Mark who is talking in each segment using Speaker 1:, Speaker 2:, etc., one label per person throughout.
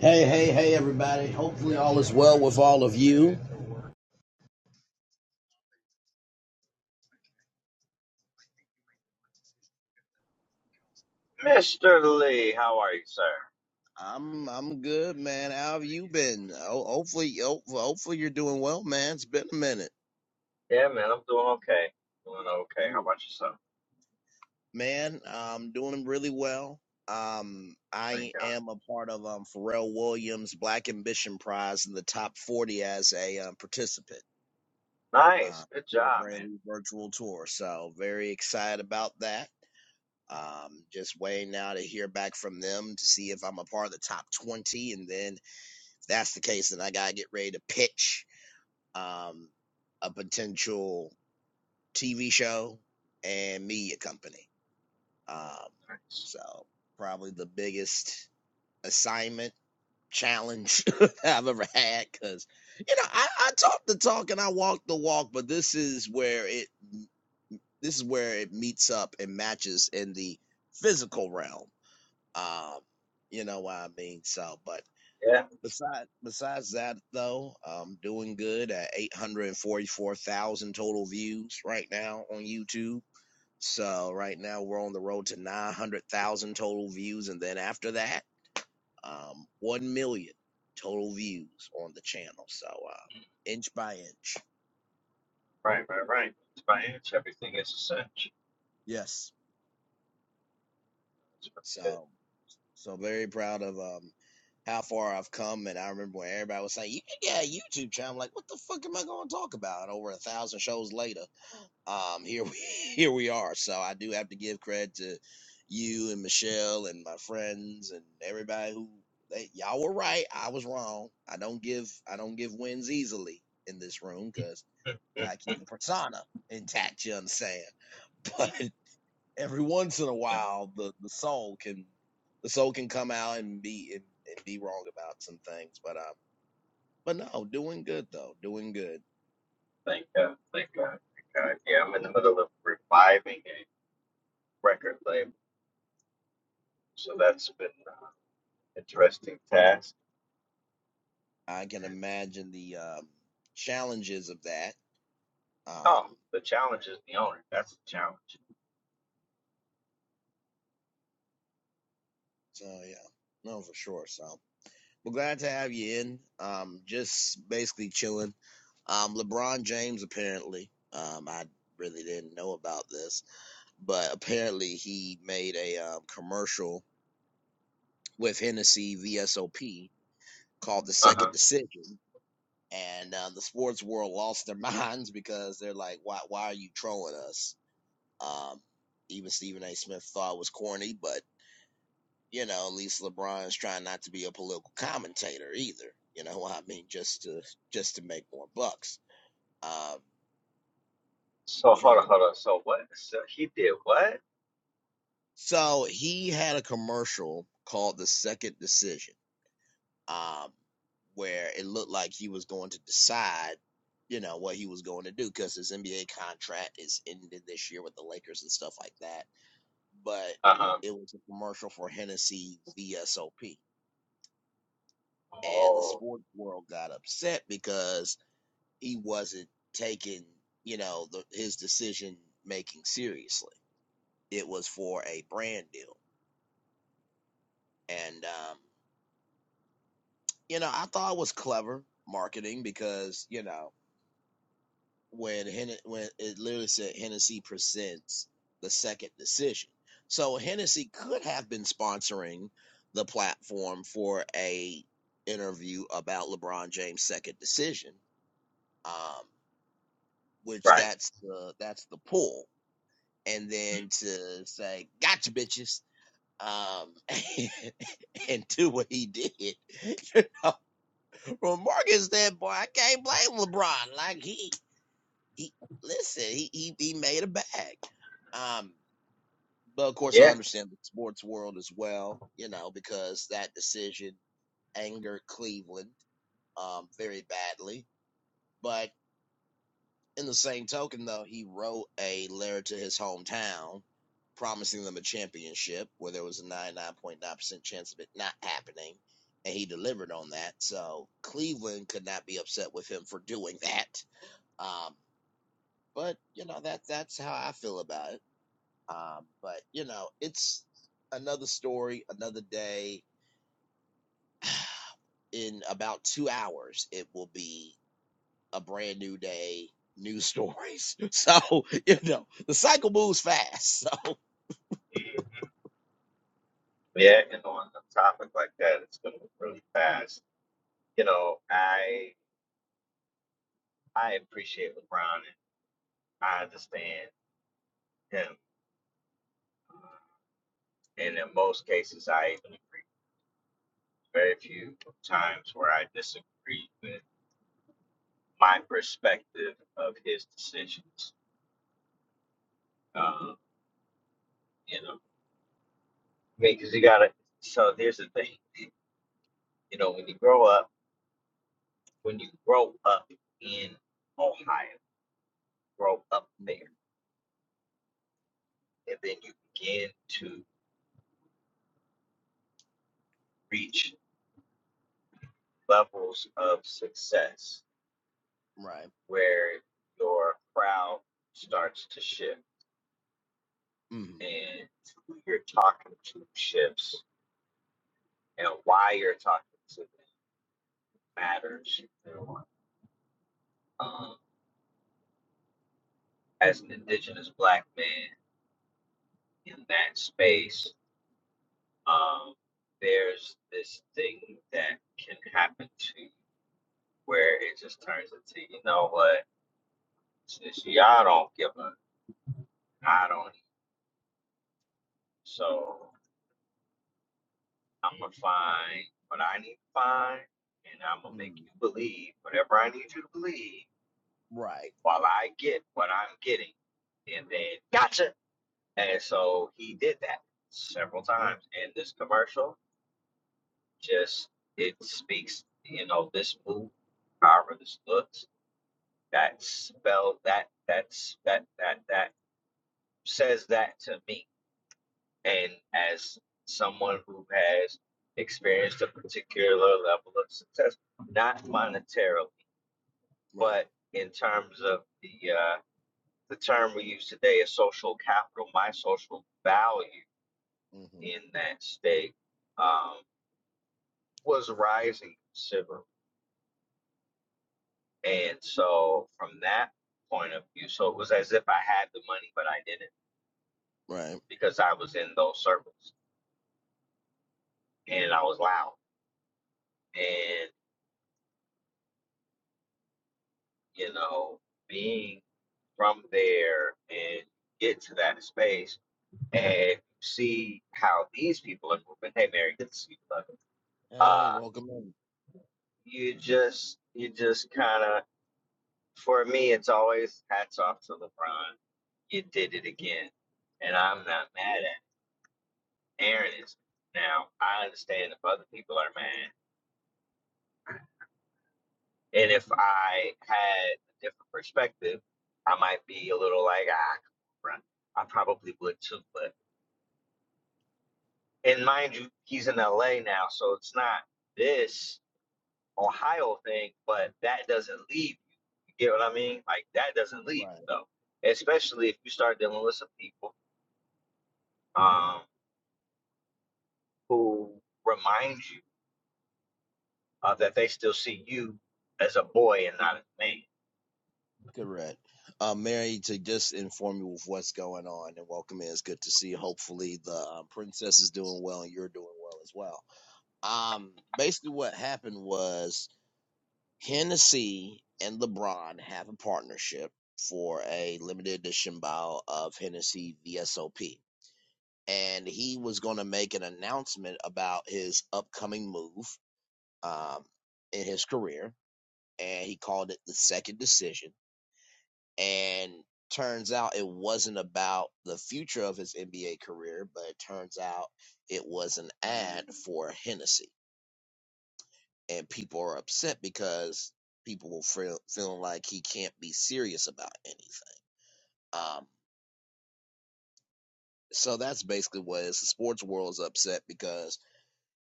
Speaker 1: Hey, hey, hey, everybody. Hopefully, all is well with all of you.
Speaker 2: Mr. Lee, how are you, sir?
Speaker 1: I'm I'm good, man. How have you been? Ho- Hopefully, ho- hopefully you're doing well, man. It's been a minute,
Speaker 2: Yeah, man, I'm doing okay. Doing okay. How
Speaker 1: Yeah.
Speaker 2: about yourself?
Speaker 1: man. I'm doing really well. Um,
Speaker 2: Thank
Speaker 1: I
Speaker 2: God.
Speaker 1: am a part of um Pharrell Williams Black Ambition Prize in the top 40 as a um, participant uh,
Speaker 2: Nice. Good
Speaker 1: with
Speaker 2: job, man.
Speaker 1: Brainly Virtual Tour. So very excited about that. Um, just waiting now to hear back from them to see if I'm a part of the top 20, and then If that's the case, then I gotta get ready to pitch um, a potential TV show and media company. Um,
Speaker 2: Nice.
Speaker 1: so probably the biggest assignment challenge I've ever had because you know I, I talk the talk and I walk the walk, but this is where it this is where it meets up and matches in the physical realm. Um, you know what I mean? So, but
Speaker 2: Yeah.
Speaker 1: Besides, besides that though, um, doing good at 844,000 total views right now on YouTube. So right now we're on the road to 900,000 total views, and then after that, um, 1 million total views on the channel. So, uh, inch by inch.
Speaker 2: Right, right, right. It's my age. Everything is essential.
Speaker 1: Yes.
Speaker 2: It's pretty
Speaker 1: So, so very proud of, um, how far I've come. And I remember when everybody was saying, you can get a YouTube channel. I'm like, what the fuck am I going to talk about? Over a thousand shows later. um here we here we are so i do have to give credit to you and michelle and my friends and everybody who they y'all were right i was wrong i don't give i don't give wins easily in this room because
Speaker 2: good. Mhm.
Speaker 1: gotta keep the persona intact you understand but every once in a
Speaker 2: Yeah.
Speaker 1: while the the soul can the soul can come out and be and, and be wrong about some things but um but no doing good though doing good
Speaker 2: Thank God. Thank God. Thank God. Yeah, I'm in the middle of reviving a record label, so that's been uh, interesting task.
Speaker 1: i can
Speaker 2: And,
Speaker 1: imagine the um challenges of that Um,
Speaker 2: oh, the challenge is the owner. That's the challenge.
Speaker 1: so yeah, no, for sure. So we're glad to have you in. Um, just basically chilling. Um, LeBron James apparently. Um, I really didn't know about this, but apparently he made a um, commercial with Hennessy VSOP called "The
Speaker 2: Uh
Speaker 1: Second
Speaker 2: huh.
Speaker 1: Decision," and uh, the sports world lost their minds because they're like, "Why? Why are you trolling us?" Um, even Stephen A. Smith thought it was corny, but you know, at least LeBron's trying not to be a political commentator either. You know what I mean? Just to just to make more bucks. Uh,
Speaker 2: So hold on,
Speaker 1: from
Speaker 2: hold on. So what? So he did what?
Speaker 1: so he had a commercial called the Second Decision, um, where it looked like he was going to decide, you know, what he was going to do because his NBA contract is ended this year with the Lakers and stuff like that. But
Speaker 2: Uh huh.
Speaker 1: it was a commercial for Hennessy VSOP, and the
Speaker 2: Oh.
Speaker 1: sports world got upset because he wasn't taking, you know, the, his decision making seriously. It was for a brand deal. And, um, you know, I thought it was clever marketing because, you know, when Hen- when it literally said Hennessy presents the second decision. So Hennessy could have been sponsoring the platform for a interview about LeBron James' second decision, um, which
Speaker 2: Right.
Speaker 1: that's the that's the pull and then to say gotcha bitches um and do what he did you know from morgan's standpoint i can't blame lebron like he he listen he he, he made a bag um but of course i
Speaker 2: Yeah.
Speaker 1: understand the sports world as well you know because that decision angered cleveland um very badly But. In the same token, though, he wrote a letter to his hometown promising them a championship where there was a 99.9% chance of it not happening. And he delivered on that. So Cleveland could not be upset with him for doing that. Um, but, you know, that that's how I feel about it. Um, but, you know, it's another story, another day. In about two hours, it will be a brand new day, new stories. So you know the cycle moves fast. So.
Speaker 2: Yeah, and on a topic like that, it's going to be really fast. You know, I I appreciate LeBron and I understand him, uh, and in most cases, I even agree. Very few times where I disagree with my perspective of his decisions. Um, you know, I mean, because you got to. So here's the thing. You know, when you grow up, when you grow up in Ohio, grow up there. and then you begin to reach levels of success
Speaker 1: Right.
Speaker 2: where your crowd starts to shift
Speaker 1: hmm
Speaker 2: and who you're talking to shifts and why you're talking to them matters. Um, as an indigenous black man in that space, um, there's this thing that can happen to you where it just turns into, you know what, since y'all don't give a, I don't. So I'm gonna find what I need to find, and I'm gonna make
Speaker 1: hmm
Speaker 2: you believe whatever I need you to believe
Speaker 1: Right.
Speaker 2: while I get what I'm getting. And then gotcha. And so he did that several
Speaker 1: Yeah.
Speaker 2: times. And this commercial just it speaks, you know, this move, however this looks, that spell that that's that that that says that to me And as someone who has experienced a particular level of success, not monetarily,
Speaker 1: Right.
Speaker 2: but in terms of the uh, the term we use today is social capital, my social value
Speaker 1: hmm
Speaker 2: in that state um, was rising considerably. And so from that point of view, so it was as if I had the money, but I didn't
Speaker 1: Right.
Speaker 2: because I was in those circles and I was loud. And, you know, being from there and get to that space and see how these people are moving. Hey, Mary, good to see you. love.
Speaker 1: Hey, hey,
Speaker 2: Uh,
Speaker 1: welcome in.
Speaker 2: you just, you just kind of, for me, it's always hats off to LeBron. You did it again, and I'm not mad
Speaker 1: Yeah.
Speaker 2: at it. Aaron is now. I understand if other people are mad, and if I had a different perspective, I might be a little like, ah, LeBron. I probably would too, but. and mind you, he's in LA now, so it's not this Ohio thing, but that doesn't leave you. You get what I mean? Like that doesn't leave
Speaker 1: Right.
Speaker 2: you though. Especially if you start dealing with some people um who remind you of that they still see you as a boy and not as a man.
Speaker 1: Correct. Uh, Mary, to just inform you of what's going on and welcome in. It's good to see you. Hopefully, the um, princess is doing well and you're doing well as well. Um, basically, what happened was Hennessy and LeBron have a partnership for a limited edition bottle of Hennessy VSOP. And he was going to make an announcement about his upcoming move um, in his career. And he called it the second decision. And turns out it wasn't about the future of his NBA career, but it turns out it was an ad for Hennessy. and people are upset because people will feel feeling like he can't be serious about anything. Um, so that's basically what it is. The sports world is upset because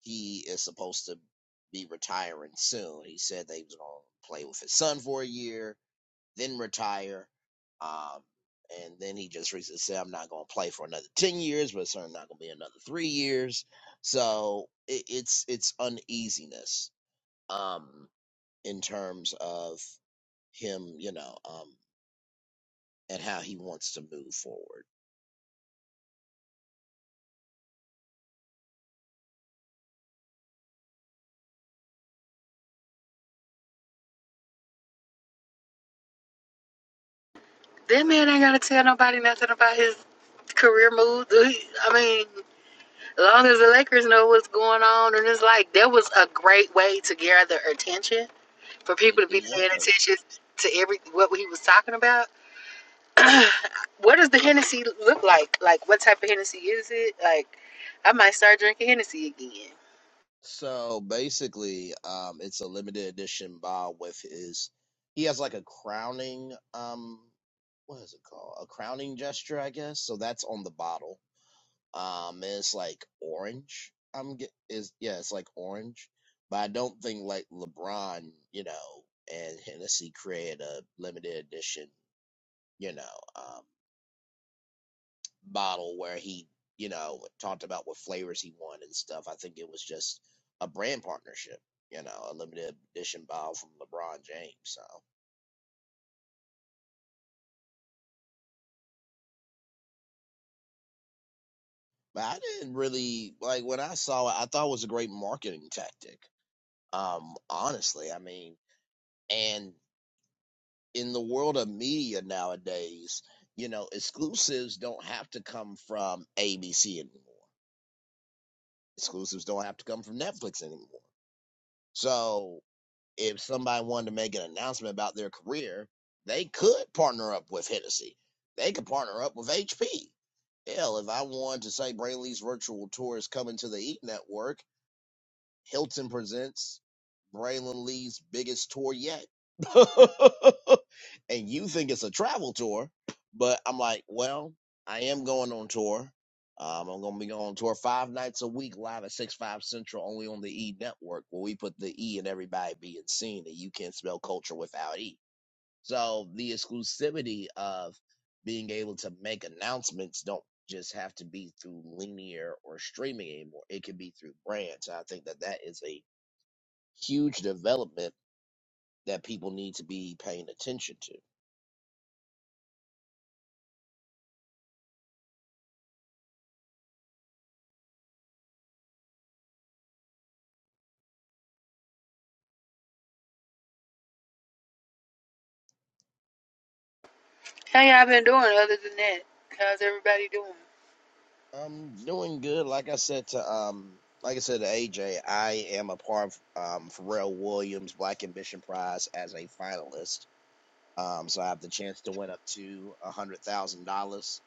Speaker 1: he is supposed to be retiring soon. He said that he was going to play with his son for a year, then retire. Um, and then he just recently said, "I'm not going to play for another ten years, but it's certainly not going to be another three years." So it, it's it's uneasiness um, in terms of him, you know, um, and how he wants to move forward.
Speaker 3: That man ain't gotta tell nobody nothing about his career moves. I mean, as long as the Lakers know what's going on, and it's like that was a great way to gather attention for
Speaker 1: It
Speaker 3: people to be
Speaker 1: it
Speaker 3: paying
Speaker 1: was.
Speaker 3: attention to every what he was talking about. What does the Hennessy look like? Like, what type of Hennessy is it? Like, I might start drinking Hennessy again.
Speaker 1: So basically, um, it's a limited edition ball with his. He has like a crowning, um, what is it called? A crowning gesture, I guess. So that's on the bottle. Um, and it's like orange. I'm get is yeah, it's like orange. But I don't think like LeBron, you know, and Hennessy created a limited edition, you know. um. bottle where he, you know, talked about what flavors he wanted and stuff. I think it was just a brand partnership, you know, a limited edition bottle from LeBron James. So, but I didn't really like when I saw it. I thought it was a great marketing tactic. Um, honestly, I mean, and in the world of media nowadays, you know, exclusives don't have to come from ABC anymore. Exclusives don't have to come from Netflix anymore. So if somebody wanted to make an announcement about their career, they could partner up with Hennessy. They could partner up with HP. Hell, if I wanted to say Brainley's virtual tour is coming to the Eat Network, Hilton presents Braylon Lee's biggest tour yet. and you think it's a travel tour, but I'm like, well, I am going on tour. Um, I'm going to be going on tour five nights a week live at 6 5 Central, only on the E Network, where we put the E in everybody being seen, and you can't spell culture without E. So the exclusivity of being able to make announcements don't just have to be through linear or streaming anymore. It can be through brands. And I think that that is a huge development that people need to be paying attention to.
Speaker 3: How y'all been doing other than that? How's everybody doing?
Speaker 1: I'm doing good. Like I said to um, like I said to AJ, I am a part of um, Pharrell Williams Black Ambition Prize as a finalist. Um, so I have the chance to win up to a hundred thousand dollars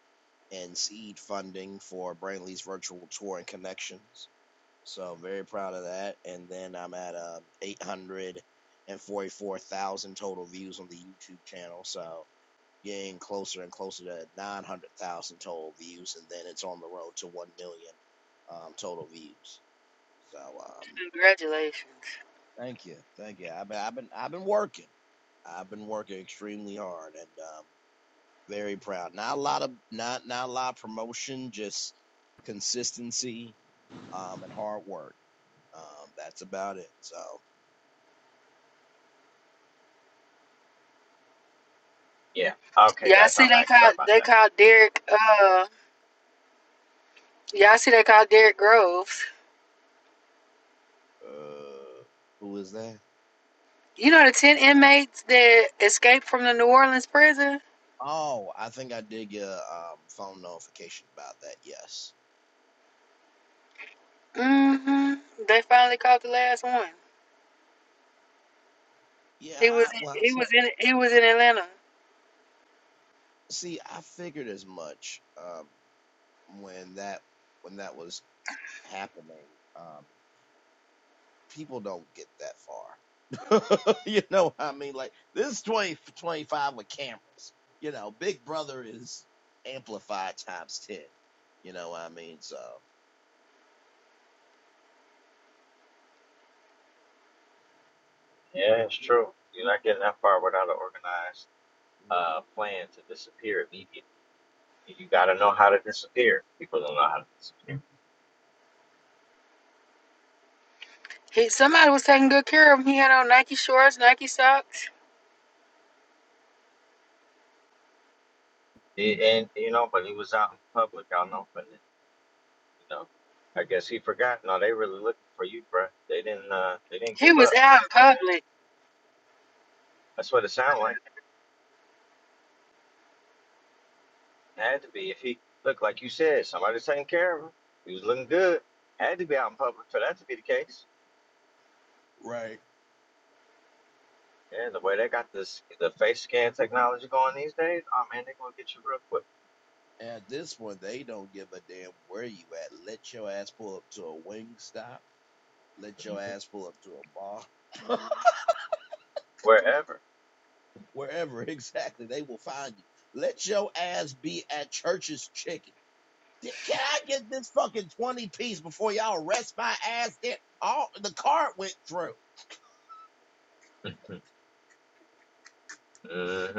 Speaker 1: and seed funding for Brantley's virtual tour and connections. So very proud of that. And then I'm at um, 844,000 total views on the YouTube channel. So getting closer and closer to 900,000 total views, and then it's on the road to 1 million um, total views. So um,
Speaker 3: Congratulations.
Speaker 1: thank you, thank you. I've been, I've been, I've been working. I've been working extremely hard, and um, very proud. Not a lot of not not a lot of promotion, just consistency um and hard work. Um that's about it. So
Speaker 2: Yeah. Okay
Speaker 3: Y'all
Speaker 2: guys,
Speaker 3: see
Speaker 2: I'm
Speaker 3: they
Speaker 2: back. Sorry
Speaker 3: called
Speaker 2: about
Speaker 3: they
Speaker 2: that.
Speaker 3: called Derek. Uh, y'all see they called Derek Groves.
Speaker 1: uh who is that?
Speaker 3: You know the ten inmates that escaped from the New Orleans prison.
Speaker 1: Oh, I think I did get a um, phone notification about that. Yes.
Speaker 3: mm hmm They finally caught the last one.
Speaker 1: Yeah.
Speaker 3: He was
Speaker 1: I, well,
Speaker 3: in,
Speaker 1: I
Speaker 3: he
Speaker 1: saw-
Speaker 3: was in he was in Atlanta.
Speaker 1: see, I figured as much um, when that when that was happening. Um, people don't get that far. you know what I mean? Like this is 20 25 with cameras. You know, Big Brother is amplified times 10. You know what I mean? So
Speaker 2: Yeah, it's true. You're not getting that far without an organized uh plan to disappear immediately. You gotta know how to disappear. People don't know how to disappear.
Speaker 3: He somebody was taking good care of him. He had on Nike shorts, Nike socks.
Speaker 2: It, and you know, but he was out in public, out in open. And, you know, I guess he forgot. No, they really looking for you, bruh. They didn't. Uh, they didn't
Speaker 3: He
Speaker 2: give
Speaker 3: was
Speaker 2: up.
Speaker 3: out in public.
Speaker 2: That's what it sounded like. had to be. If he looked like you said, somebody's taking care of him. He was looking good. Had to be out in public for that to be the case.
Speaker 1: Right.
Speaker 2: Yeah, the way they got this the face scan technology going these days, oh man, they gonna get you real quick.
Speaker 1: at this point, they don't give a damn where you at. Let your ass pull up to a wing stop. Let your
Speaker 2: hmm
Speaker 1: ass pull up to a bar.
Speaker 2: Wherever.
Speaker 1: Wherever exactly, they will find you. Let your ass be at church's chicken. Can I get this fucking 20 piece before y'all arrest my ass there? All the card went through.
Speaker 2: hmm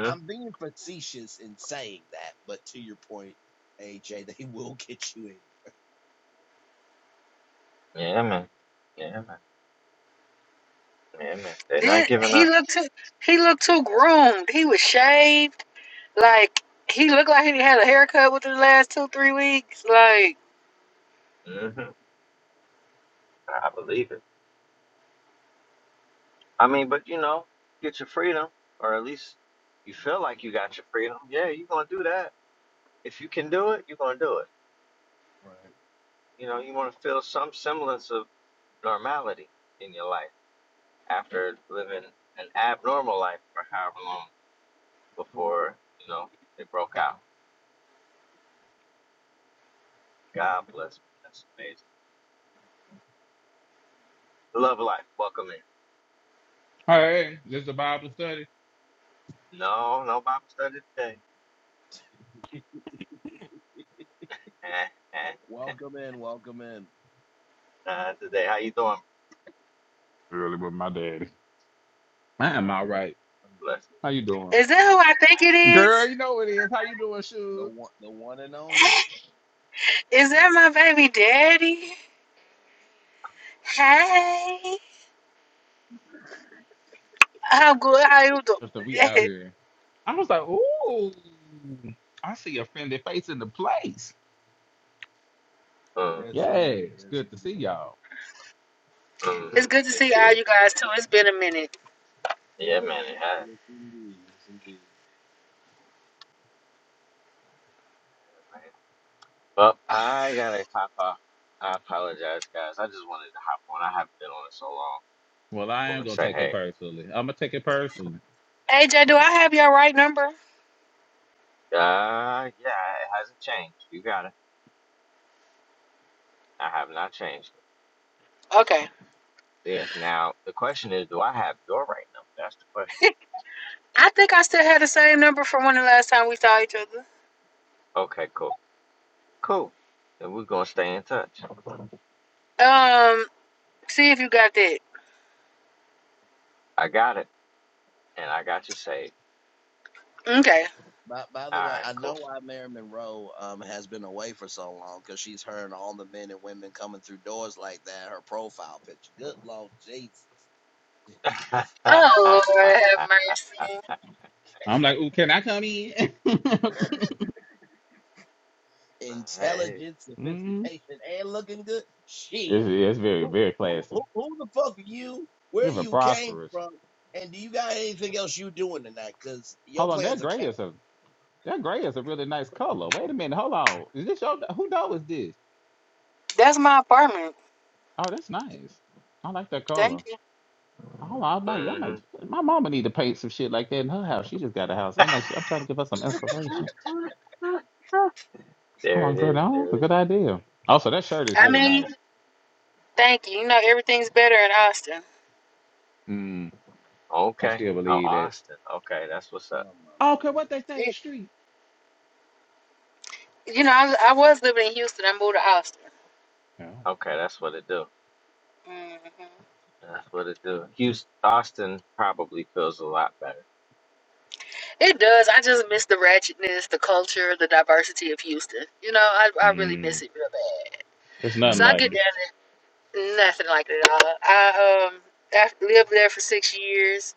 Speaker 1: I'm being facetious in saying that, but to your point, AJ, they will get you in.
Speaker 2: Yeah, man. Yeah, man. Yeah, man. They're not
Speaker 3: Then
Speaker 2: giving
Speaker 3: he
Speaker 2: up.
Speaker 3: looked too he looked too groomed. He was shaved. Like he looked like he had a haircut within the last two three weeks. Like
Speaker 2: hmm I believe it. I mean, but you know, get your freedom, or at least you feel like you got your freedom. Yeah, you're gonna do that. If you can do it, you're gonna do it.
Speaker 1: Right.
Speaker 2: You know, you want to feel some semblance of normality in your life after living an abnormal life for however long before you know it broke out. God bless, man. That's amazing. Love life. Welcome in.
Speaker 4: Hey, this is a Bible study.
Speaker 2: No, no Bible study today.
Speaker 1: Welcome in, welcome in.
Speaker 2: Not today. How you doing?
Speaker 4: Really with my daddy. I am all right.
Speaker 2: Bless.
Speaker 4: How you doing?
Speaker 3: is that who I think it is?
Speaker 4: Girl, you know it is. How you doing,
Speaker 1: The
Speaker 4: Shug?
Speaker 1: one the one and only.
Speaker 3: Is that my baby daddy? Hey. How good? How you doing?
Speaker 4: And So we out here. I was like, ooh, I see a friendly face in the place.
Speaker 2: Mm-hmm,
Speaker 1: Yes indeed,
Speaker 4: Yes,
Speaker 1: yes
Speaker 4: good to see
Speaker 1: indeed.
Speaker 4: y'all.
Speaker 3: it's
Speaker 2: mm-hmm.
Speaker 3: good to see all
Speaker 2: Indeed.
Speaker 3: you guys too. It's been a minute.
Speaker 2: Yeah, man. It has.
Speaker 1: Yes indeed, yes indeed.
Speaker 2: man. Well, I gotta hop off. I apologize, guys. I just wanted to hop on. I haven't been on it so long.
Speaker 4: Well,
Speaker 2: Just
Speaker 4: I
Speaker 2: want
Speaker 4: am
Speaker 2: to
Speaker 4: gonna
Speaker 2: say,
Speaker 4: take it
Speaker 2: hey,
Speaker 4: personally. I'm gonna take it personally.
Speaker 3: AJ, do I have your right number?
Speaker 2: uh, yeah, it hasn't changed. You got it. I have not changed
Speaker 3: Okay.
Speaker 2: it. Yeah. Now the question is, do I have your right number? That's the question.
Speaker 3: I think I still had the same number from when the last time we saw each other.
Speaker 2: Okay, cool, cool. Then we're gonna stay in touch.
Speaker 3: Um, see if you got that.
Speaker 2: I got it, and I got you saved.
Speaker 3: Okay.
Speaker 1: By, by
Speaker 2: All
Speaker 1: the way,
Speaker 2: right,
Speaker 1: I know
Speaker 2: cool.
Speaker 1: why Mary Monroe um, has been away for so long because she's heard all the men and women coming through doors like that. Her profile picture. Good Lord Jesus.
Speaker 3: Oh
Speaker 2: All
Speaker 3: Lord, have mercy.
Speaker 4: I'm like, ooh, can I come in?
Speaker 2: right.
Speaker 1: intelligence,
Speaker 4: mm
Speaker 1: sophistication, and looking good. Shit.
Speaker 4: It's it's very
Speaker 1: Who,
Speaker 4: very
Speaker 1: who, who,
Speaker 4: classy,
Speaker 1: who the fuck are you? Where
Speaker 4: even
Speaker 1: you came
Speaker 4: prosperous.
Speaker 1: from? And do you got anything else you doing tonight? Cause your
Speaker 4: Hold on, that
Speaker 1: plans are
Speaker 4: gray
Speaker 1: canceled.
Speaker 4: is a that gray is a really nice color. Wait a minute, hold on. Is this your who dog is this?
Speaker 3: That's my apartment.
Speaker 4: Oh, that's nice. I like that
Speaker 3: Thank
Speaker 4: color.
Speaker 3: you.
Speaker 4: Oh, I might, I might.
Speaker 2: Mhm.
Speaker 4: My mama need to paint some shit like that in her house. She just got a house, and I'm like, I'm trying to give her some inspiration.
Speaker 2: there
Speaker 4: Oh,
Speaker 2: it
Speaker 4: girl,
Speaker 2: is.
Speaker 4: no,
Speaker 2: There it
Speaker 4: that's
Speaker 2: is.
Speaker 4: a good idea. Also, that shirt is
Speaker 3: I
Speaker 4: really
Speaker 3: mean,
Speaker 4: nice.
Speaker 3: thank you. You know everything's better in Austin.
Speaker 4: Mm, I
Speaker 2: Okay.
Speaker 4: still
Speaker 2: Oh,
Speaker 4: believe that.
Speaker 2: Austin. Okay, that's what's up.
Speaker 1: Oh my
Speaker 4: I don't care
Speaker 1: lord.
Speaker 4: what they say in
Speaker 3: You,
Speaker 4: the street.
Speaker 3: you know, I, I was living in Houston. I moved to Austin.
Speaker 4: No.
Speaker 2: Okay, that's what it do.
Speaker 3: hmm
Speaker 2: That's what it do. Houston, Austin probably feels a lot better.
Speaker 3: It does. I just miss the ratchetness, the culture, the diversity of Houston. You know, I, I really miss
Speaker 4: Mm,
Speaker 3: it real bad.
Speaker 4: there's nothing
Speaker 3: So I get
Speaker 2: hmm
Speaker 4: like
Speaker 3: down there, nothing like it at all. I um I lived there for six years,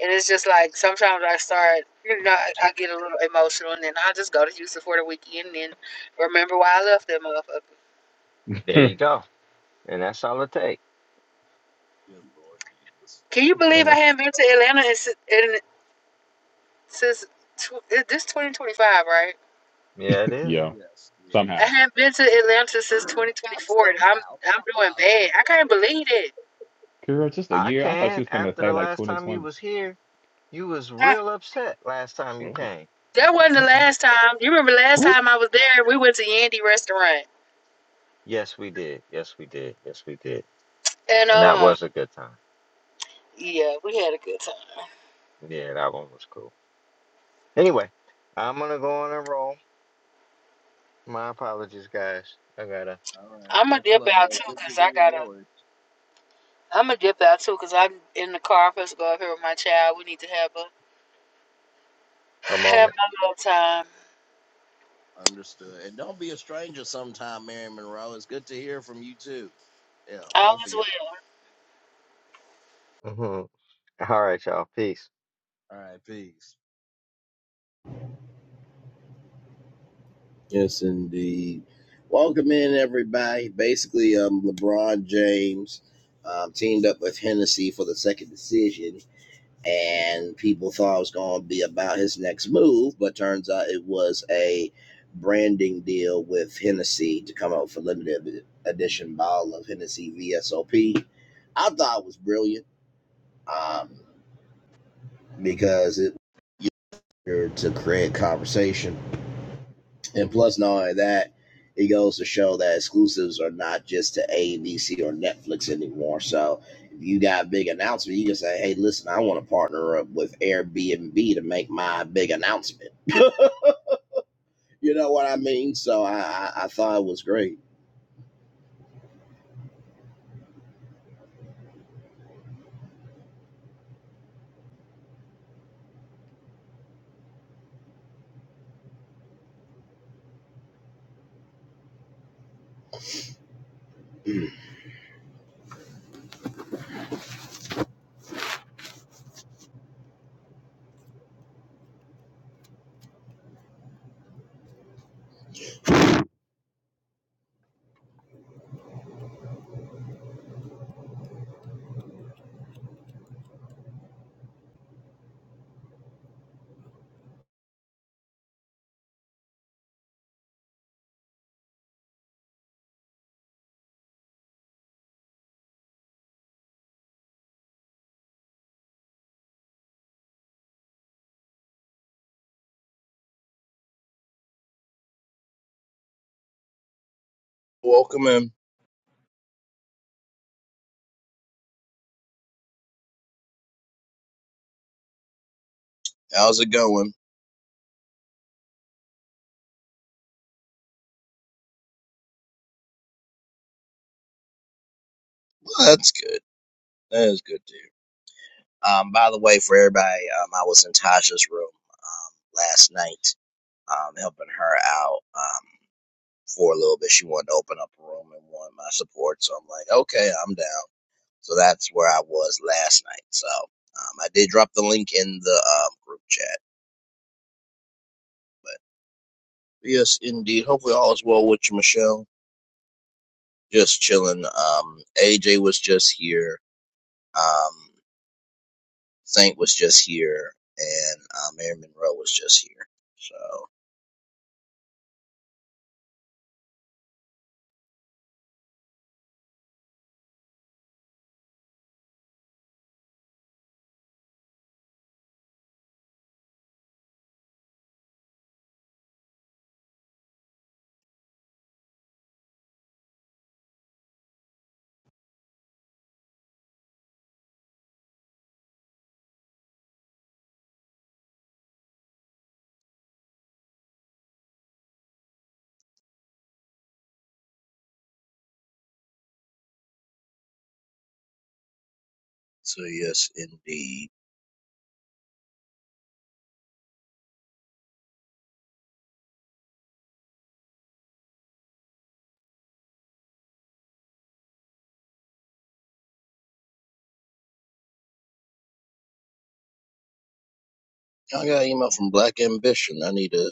Speaker 3: and it's just like sometimes I start, you know, I, I get a little emotional, and then I just go to Houston for the weekend and then remember why I left that motherfucker.
Speaker 2: There you
Speaker 4: it.
Speaker 2: go. And that's all it take.
Speaker 1: Good lord Jesus.
Speaker 3: Can you believe
Speaker 2: And
Speaker 3: I
Speaker 2: the,
Speaker 3: haven't been to Atlanta in, si- in, since tw- this 2025, right?
Speaker 2: yeah, it is.
Speaker 4: yeah.
Speaker 1: Yes, it
Speaker 3: I
Speaker 1: is.
Speaker 4: Somehow,
Speaker 3: haven't been to Atlanta since
Speaker 1: Stop
Speaker 3: 2024, and I'm
Speaker 1: somehow.
Speaker 3: I'm doing
Speaker 1: Stop.
Speaker 3: bad. I can't believe it.
Speaker 4: girl, just a
Speaker 2: I
Speaker 4: year. I thought she
Speaker 2: can.
Speaker 4: was gonna
Speaker 2: After
Speaker 4: say
Speaker 2: the
Speaker 4: like
Speaker 2: last time you
Speaker 4: 2020.
Speaker 2: was here, you was real upset last time you
Speaker 4: Oh.
Speaker 2: came.
Speaker 3: That wasn't the
Speaker 4: Uh
Speaker 3: last time. You remember last
Speaker 4: oh.
Speaker 3: time I was there, we went to Yandy restaurant.
Speaker 2: Yes, we did. Yes, we did. Yes, we did.
Speaker 3: And
Speaker 2: And that
Speaker 3: um,
Speaker 2: was a good time.
Speaker 3: yeah, we had a good time.
Speaker 2: Yeah, that one was cool. Anyway, I'm gonna go on and roll. My apologies, guys. I got a,
Speaker 1: All right.
Speaker 3: I'ma
Speaker 1: Much
Speaker 3: dip
Speaker 1: love, bro.
Speaker 3: out too,
Speaker 1: Good to
Speaker 3: cause
Speaker 1: hear
Speaker 3: I
Speaker 1: your
Speaker 3: gotta
Speaker 1: voice.
Speaker 3: I'ma dip out too, cause I'm in the car I'm supposed to go up here with my child. We need to have a
Speaker 2: a
Speaker 3: have
Speaker 2: moment.
Speaker 3: my little time.
Speaker 1: Understood. And don't be a stranger sometime, Mary Monroe. It's good to hear from you too. Yeah,
Speaker 3: All
Speaker 1: both of
Speaker 3: is
Speaker 1: y'all.
Speaker 3: well.
Speaker 2: hmm All right, y'all. Peace.
Speaker 1: All right, peace. Yes, indeed. Welcome in, everybody. Basically, um, LeBron James um, teamed up with Hennessy for the second decision, and people thought it was going to be about his next move, but turns out it was a branding deal with Hennessy to come out with a limited edition bottle of Hennessy VSOP. I thought it was brilliant um, because it was easier to create conversation And plus, not only that, it goes to show that exclusives are not just to ABC or Netflix anymore. So if you got a big announcement, you can say, hey, listen, I want to partner up with Airbnb to make my big announcement. you know what I mean? So I, I, I thought it was great. Welcome in. How's it going? Well, that's good. That is good to Um, by the way, for everybody, um, I was in Tasha's room um, last night, um, helping her out. um. for a little bit. She wanted to open up a room and wanted my support. So I'm like, okay, I'm down. So that's where I was last night. So um, I did drop the link in the um, group chat. But yes, indeed. Hopefully all is well with you, Michelle. Just chilling. Um, AJ was just here. Um, Saint was just here. And uh, Mary Monroe was just here. So, so yes, indeed. I got an email from Black Ambition. I need to,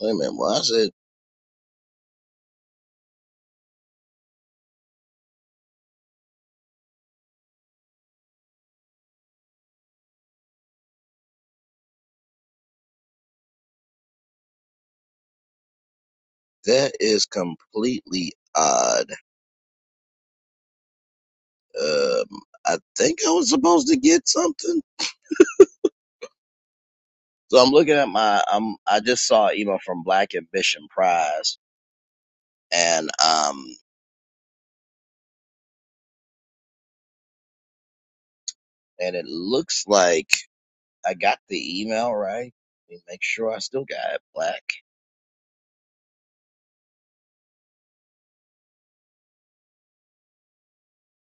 Speaker 1: wait a minute. Why is it? That is completely odd Um, I think I was supposed to get something. So I'm looking at my. I'm. I just saw an email from Black Ambition Prize, and um, and it looks like I got the email right. Let me make sure I still got it. Black.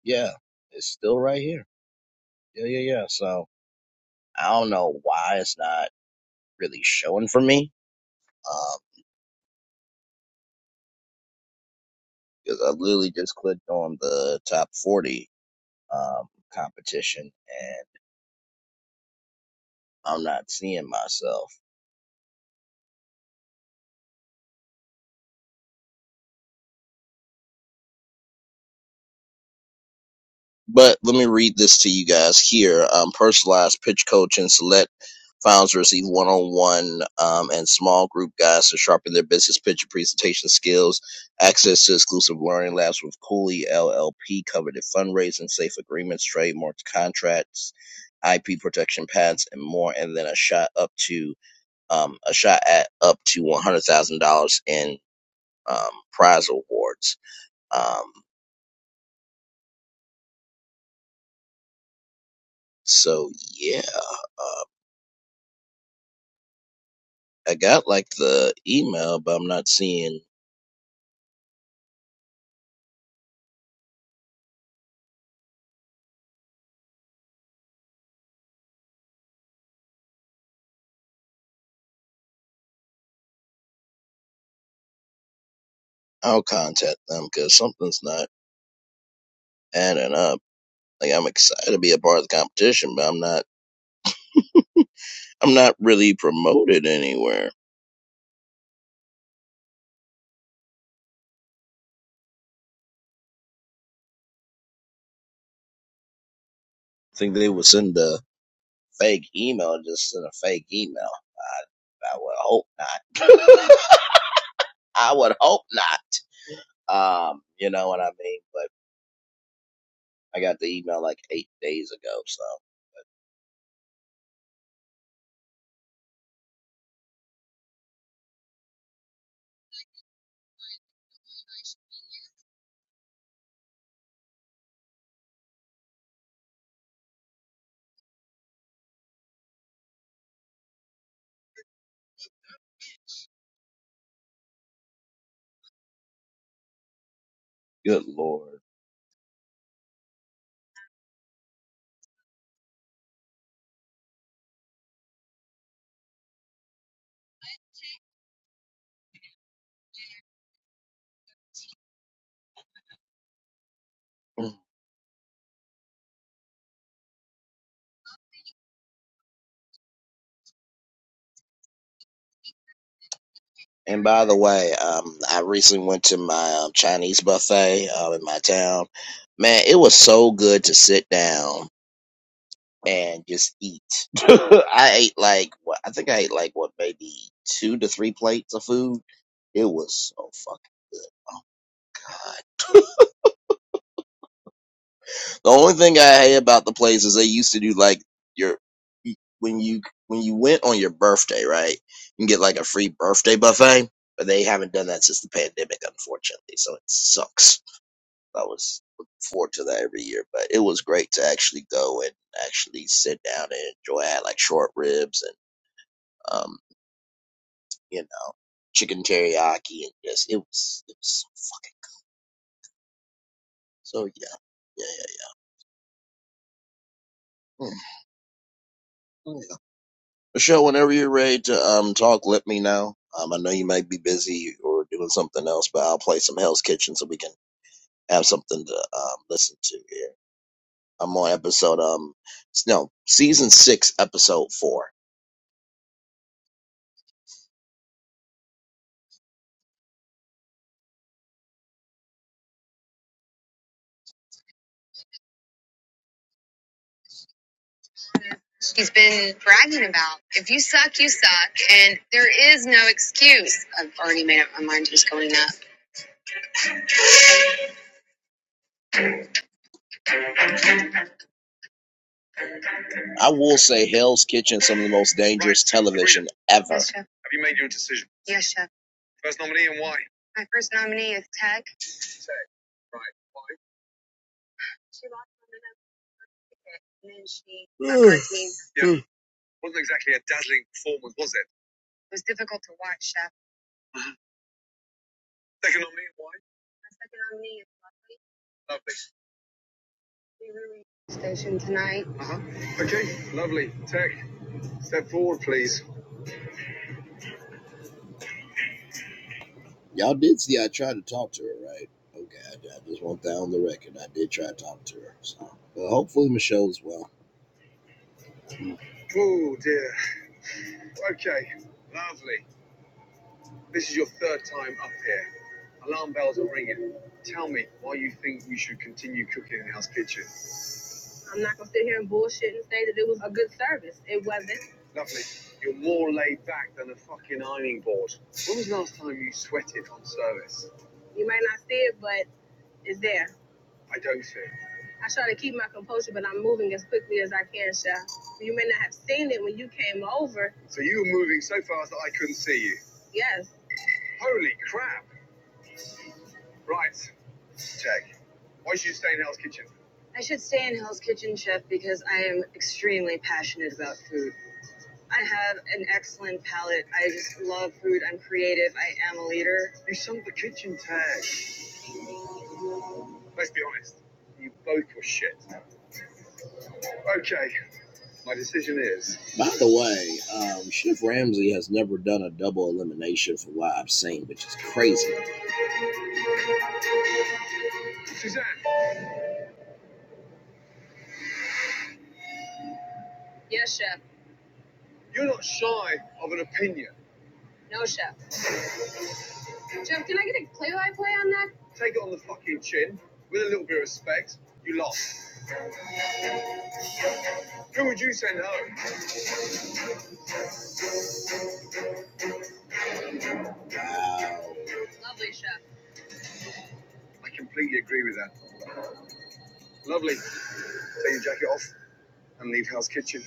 Speaker 1: Yeah, it's still right here. Yeah, yeah, yeah. So I don't know why it's not really showing for me. Um, because I literally just clicked on the top forty um competition, and I'm not seeing myself. But let me read this to you guys here. Um, personalized pitch coaching. select founders receive one-on-one um, and small group guides to sharpen their business pitch and presentation skills. Access to exclusive learning labs with Cooley LLP, coveted fundraising, safe agreements, trademarks, contracts, IP protection patents, and more. And then a shot up to um, a shot at up to one hundred thousand dollars in um, prize awards. Um, so yeah I got like the email, but I'm not seeing. I'll contact them because something's not adding up. Like I'm excited to be a part of the competition, but I'm not. I'm not really promoted anywhere. I think they would send a fake email. Just send a fake email. I, I would hope not. I would hope not. Um, you know what I mean. But I got the email like eight days ago. So good lord. And by the way, um, I recently went to my um, Chinese buffet uh, in my town. Man, it was so good to sit down and just eat. I ate like what I think I ate like what maybe two to three plates of food. It was so fucking good. The only thing I hate about the place is they used to do like your when you when you went on your birthday, right? You can get like a free birthday buffet, but they haven't done that since the pandemic, unfortunately. So it sucks. I was looking forward to that every year, but it was great to actually go and actually sit down and enjoy. I had like short ribs and um, you know, chicken teriyaki and just it was it was so fucking so yeah. Yeah, yeah, yeah. Mm. oh, yeah. Michelle, whenever you're ready to um talk, let me know. Um, I know you might be busy or doing something else, but I'll play some Hell's Kitchen so we can have something to um listen to here. I'm on episode um no season six episode four he's been bragging about. If you suck, you suck, and there is no excuse. I've already made up my mind who's going up. I will say Hell's Kitchen, is some of the most dangerous television ever. Yes, Chef. Have you made your decision? Yes, Chef. First nominee and why? My first nominee is Tech. Tech, right. Why? She lost on the ticket, and then she... got her team. yeah, it wasn't exactly a dazzling performance, was it? It was difficult to watch, Chef. Uh-huh. Second nominee and why? My second nominee is Lovely. Lovely. Station tonight. Uh-huh. Okay, lovely. Tech, step forward, please. Y'all did see I tried to talk to her, right? Okay, I, I just want that on the record. I did try to talk to her. So, but hopefully Michelle's well. Oh, dear. Okay, lovely. This is your third time up here. Alarm bells are ringing. Tell me why you think you should continue cooking in the House Kitchen. I'm not gonna sit here and bullshit and say that it was a good service. It wasn't. Lovely. You're more laid back than a fucking ironing board. When was the last time you sweated on service? You might not see it, but it's there. I don't see it. I try to keep my composure, but I'm moving as quickly as I can, Chef. You may not have seen it when you came over. So you were moving so fast that I couldn't see you? Yes. Holy crap! Right. Check. Why should you stay in Hell's Kitchen? I should stay in Hell's Kitchen, chef, because I am extremely passionate about food. I have an excellent palate. I just love food. I'm creative. I am a leader. You sung the kitchen tag. Let's be honest. You both were shit. Okay, my decision is. By the way, um, Chef Ramsay has never done a double elimination for what I've seen, which is crazy. Suzanne. Yes, chef. You're not shy of an opinion. No, chef. Jeff, can I get a play-by-play on that? Take it on the fucking chin with a little bit of respect. You lost. Who would you send home? No. Lovely, chef. I completely agree with that. Lovely. Take your jacket off and leave Hell's Kitchen.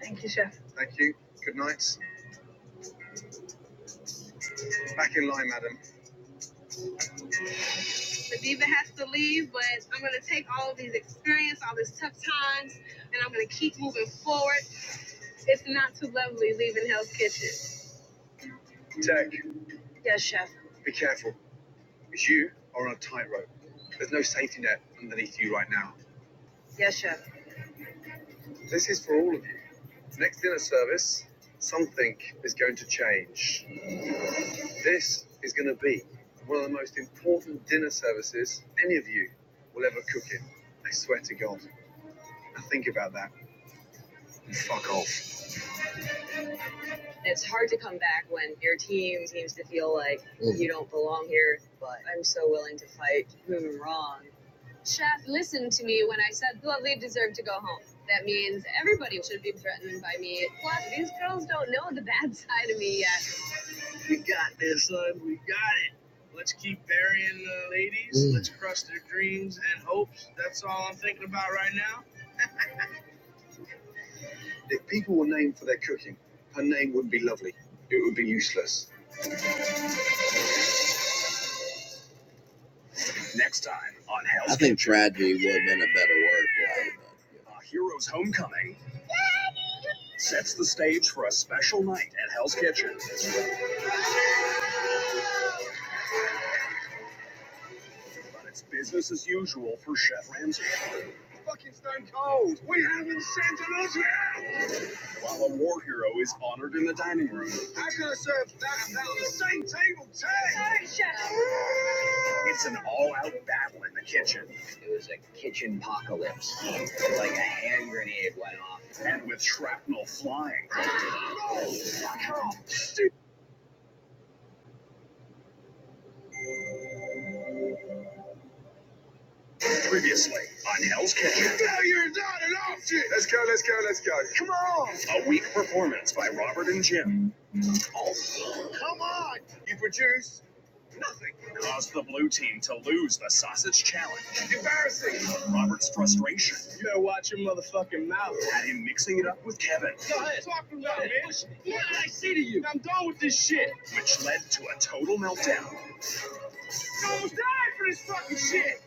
Speaker 1: Thank you, chef. Thank you. Good night. Back in line, madam. The diva has to leave, but I'm going to take all of these experience, all these tough times, and I'm going to keep moving forward. It's not too lovely leaving Hell's Kitchen. Tech. Yes, chef. Be careful. Because you are on a tightrope. There's no safety net underneath you right now. Yes, Chef. This is for all of you. Next dinner service, something is going to change. This is going to be one of the most important dinner services any of you will ever cook in. I swear to God. Now think about that and fuck off. It's hard to come back when your team seems to feel like Mm. you don't belong here, but I'm so willing to fight whom I'm wrong Chef listened to me when I said Lovely deserved to go home. That means everybody should be threatened by me. Plus, these girls don't know the bad side of me yet. We got this, son. We got it. Let's keep burying the ladies. Mm. Let's crush their dreams and hopes. That's all I'm thinking. If people were named for their cooking, her name wouldn't be Lovely. It would be useless. Next time on Hell's I think Kitchen. tragedy would have been a better word. for it, Our hero's homecoming sets the stage for a special night at Hell's Kitchen. But it's business as usual for Chef Ramsay. It's Fucking stone cold. We haven't sent an us yet. While a war hero is honored in the dining room. How can I serve that and that on the same table, Tay? It's an all-out battle in the kitchen. It was a kitchen apocalypse. It's like a hand grenade went off. And with shrapnel flying. Oh. Previously on Hell's Kitchen. No, you're not an option. Let's go, let's go, let's go. Come on. Oh, Robert and Jim. Come on. You produce. Caused the blue team to lose the sausage challenge. Embarrassing. Robert's frustration You better watch your motherfucking mouth. had him mixing it up with Kevin, Go ahead. Talking about, man. Yeah, I see to you. which led to a total meltdown fucking shit.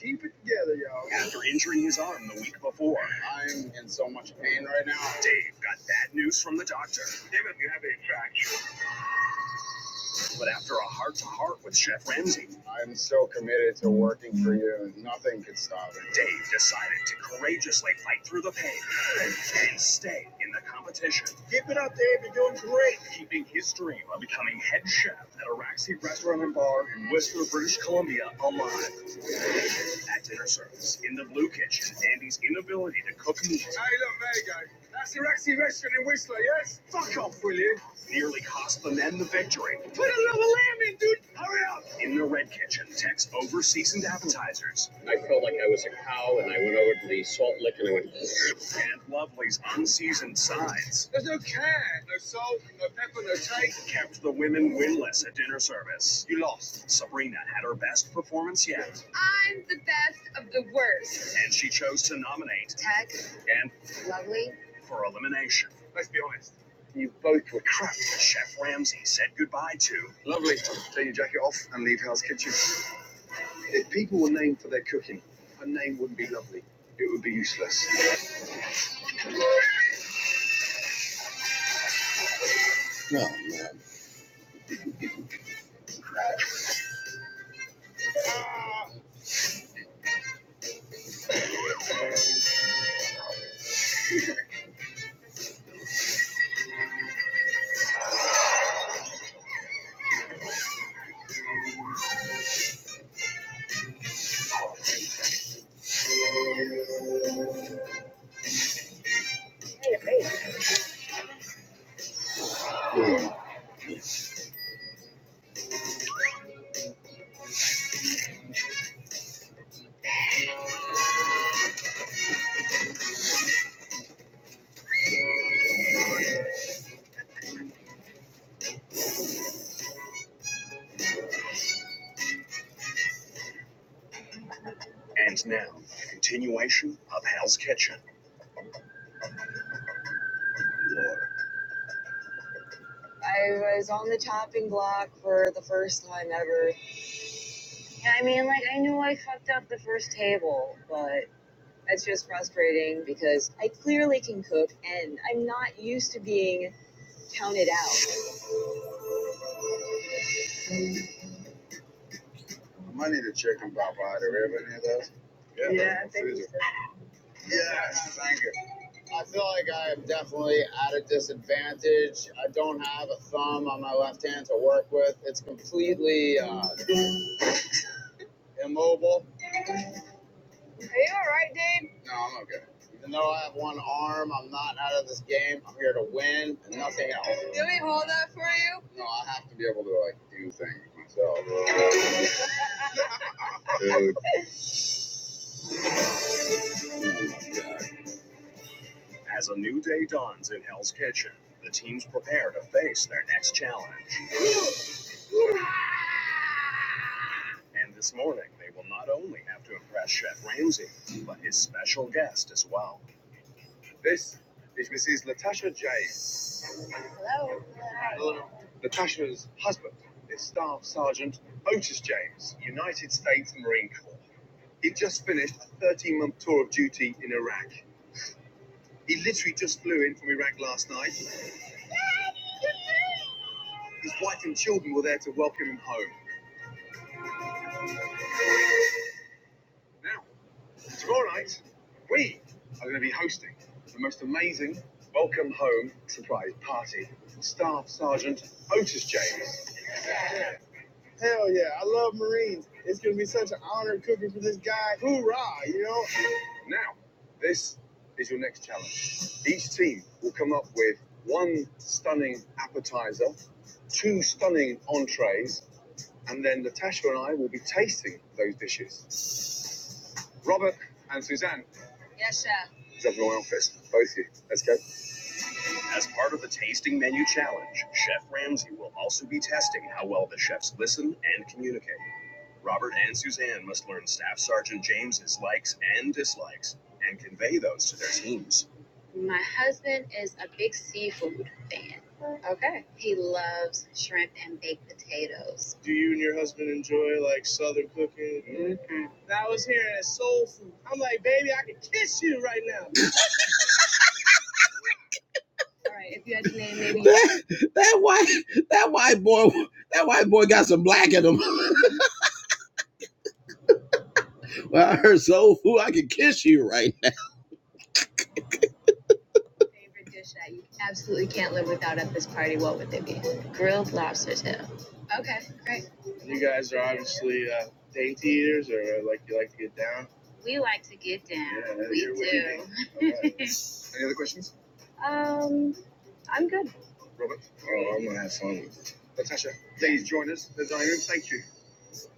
Speaker 1: Keep it together, y'all. after injuring his arm the week before. I am in so much pain right now. Dave got bad news from the doctor. Damn it, you have a track. But after a heart to heart with Chef Ramsay, I'm so committed to working for you. Nothing could stop it. Dave decided to courageously fight through the pain and stay in the competition. You're doing great. Keeping his dream of becoming head chef at a Raxi restaurant and bar in Whistler, British Columbia alive. At dinner service, in the Blue Kitchen, Andy's inability to cook meat Hey, look, there you go. That's the Rexy restaurant in Whistler, yes? Fuck off, will you? nearly cost the men the victory. Put a little lamb in, dude. Hurry up. In the Red Kitchen, Tex over-seasoned appetizers and Lovely's unseasoned sides There's no can, no salt, no pepper, no taste. kept the women winless at dinner service. You lost. Sabrina had her best performance yet, I'm the best of the worst. and she chose to nominate Tech, and lovely. for elimination. Let's be honest. You both were crap. Chef Ramsay said goodbye to Lovely. Take your jacket off and leave Hell's Kitchen. If people were named for their cooking, her name wouldn't be lovely. It would be useless. Oh, man. And now, a continuation of Hell's Kitchen. I was on the chopping block for the first time ever. Yeah, I mean, like, I knew I fucked up the first table, but it's just frustrating because I clearly can cook and I'm not used to being counted out. I need a chicken pop out of everything of those. Yeah, yeah thank you. Yes, thank you. I feel like I am definitely at a disadvantage. I don't have a thumb on my left hand to work with. It's completely uh, immobile. Are you all right, Dave? No, I'm okay. Even though I have one arm, I'm not out of this game. Win. Do we hold that for you? No, I have to be able to like do things myself. As a new day dawns in Hell's Kitchen, the teams prepare to face their next challenge. And this morning, they will not only have to impress Chef Ramsay, but his special guest as well. This is Mrs. Latasha James. Latasha's husband is Staff Sergeant Otis James, United States Marine Corps. he just finished a 13 month tour of duty in Iraq. He literally just flew in from Iraq last night. His wife and children were there to welcome him home. Now, tomorrow night, we are going to be hosting the most amazing welcome home surprise party for Staff Sergeant Otis James. Now, this is your next challenge. Each team will come up with one stunning appetizer, two stunning entrees, and then Natasha and I will be tasting those dishes. Robert and Suzanne. Yes, chef. Is everyone else this? Both of you. Let's go. As part of the tasting menu challenge, Chef Ramsay will also be testing how well the chefs listen and communicate. Robert and Suzanne must learn Staff Sergeant James's likes and dislikes and convey those to their teams. My husband is a big seafood fan. Okay. He loves shrimp and baked potatoes. Do you and your husband enjoy like Southern cooking? And I was hearing this. I'm like, baby, All right. If you had your name maybe that that white that white boy that white boy got some black in him. well, I heard soul food. I can kiss you right Favorite dish that you absolutely can't live without at this party, what would it be? Grilled Okay, great. You guys are obviously uh, dainty eaters, or uh, like you like to get down. We like to get down. Yeah, we do. me. right. Any other questions, Um, I'm good. Robert? Oh, I'm gonna have fun with it. Latasha, please join us. There's our room. Thank you.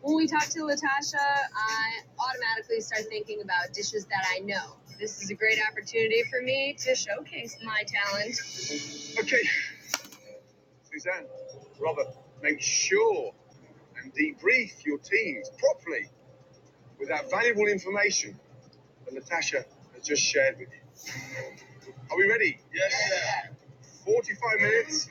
Speaker 1: When we talk to Latasha, I automatically start thinking about dishes that I know. Okay, Suzanne, Robert, make sure and debrief your teams properly with that valuable information that Natasha has just shared with you. Are we ready? Yes. Yeah. 45 minutes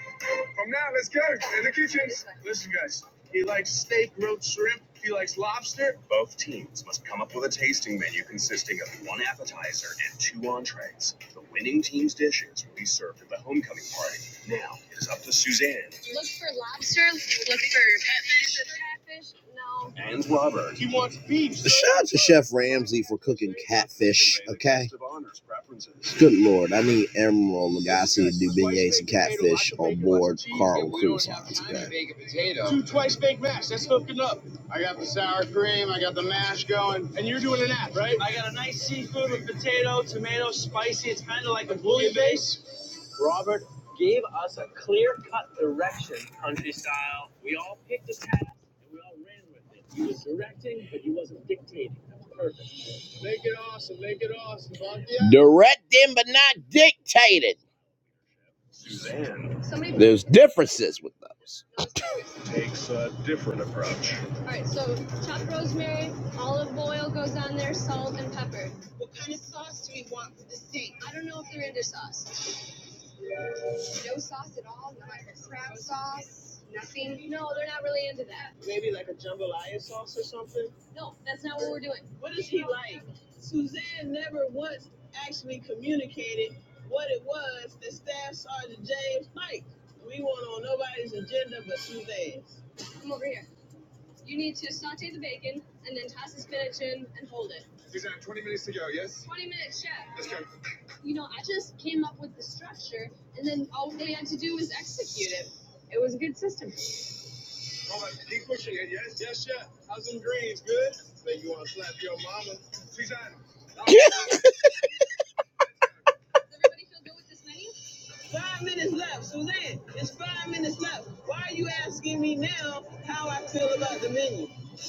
Speaker 1: from now, let's go in the kitchens. Listen, guys, he likes steak, grilled shrimp. He likes lobster. Both teams must come up with a tasting menu consisting of one appetizer and two entrees. The winning team's dishes will be served at the homecoming party. Now it is up to Suzanne Look for lobster. Look for catfish. Catfish? No. And Robert. He wants beef. Shout out to Chef Ramsay for cooking catfish. Okay. Good lord, I need Emeril Lagasse to do beignets and catfish on board Carl Cruise Lines, okay? right? It's spicy. It's kind of like a bouillabaisse base. Robert gave us a clear-cut direction, country style. I'll pick this guy I ran with. He was directing, but he wasn't dictating. That's perfect. Directing but not dictated. There's differences with those. a different approach. All right, so chopped rosemary, olive oil goes on there, salt and pepper. What kind of sauce do we want for the steak? I don't know if they're into sauce. No sauce at all? No crab sauce? Nothing? No, they're not really into that. No, that's not what we're doing. What is he like? That's Sergeant James Mike. We want on nobody's agenda but Suzanne's. Suzanne, 20 minutes to go, yes? 20 minutes. Let's go. You know, I just structure, and then all we had to do was execute It Oh, he pushing it. Yes, yes, chef. How's them greens? Good. Say you want to slap your mama? She's at it. Does Everybody feel good with this menu?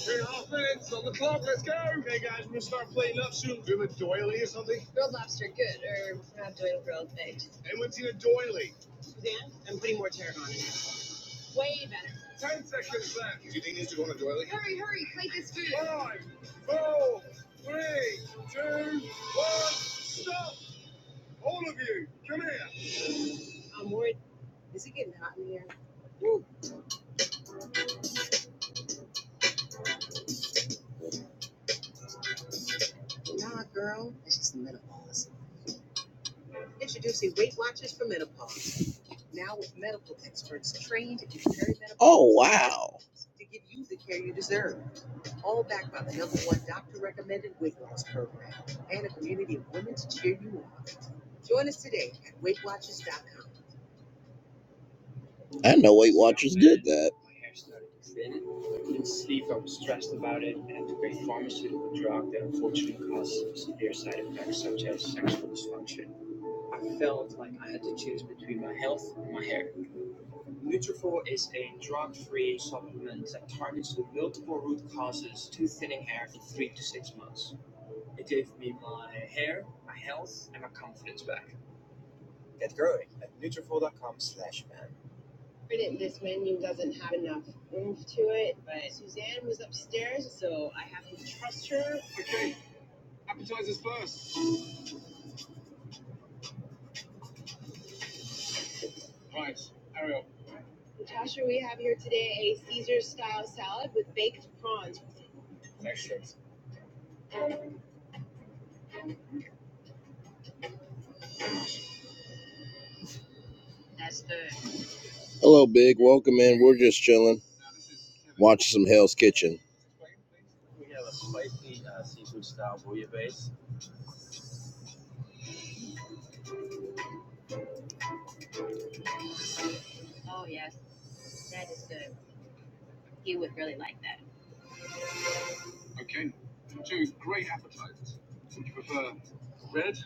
Speaker 1: Great offense on the clock. Let's go. Okay, guys, we're gonna start plating up soon. Do you have a doily or something? Grilled lobster, good. Or anyone's seen a doily? Way better. Ten seconds left. Do you think these two go on a doily? Hurry, hurry, plate this food. Five, four, three, two, one. Stop! All of you, come here. I'm worried. Is it getting hot in here? Nah, girl, it's just menopause. Introducing Weight Watchers for Menopause. Now with medical experts trained in perimenopause oh. to give you the care you deserve. All backed by the number one doctor recommended weight loss program and a community of women to cheer you on. Join us today at weight watchers dot com. I know Weight Watchers did that. My hair started to thin. I couldn't sleep. I was stressed about it, and I took a pharmaceutical drug that unfortunately caused severe side effects such as sexual dysfunction. I felt my hair. granted, this menu doesn't have enough oomph to it, but Suzanne was upstairs, so I have to trust her. Okay, appetizers first. Right, Ariel. Natasha, we have here today a Caesar style salad with baked prawns. Hello, Big. Welcome in. We're just chilling, watching some Hell's Kitchen. You would really like. Okay, two great appetizers. Would you prefer red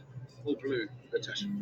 Speaker 1: or blue, Natasha?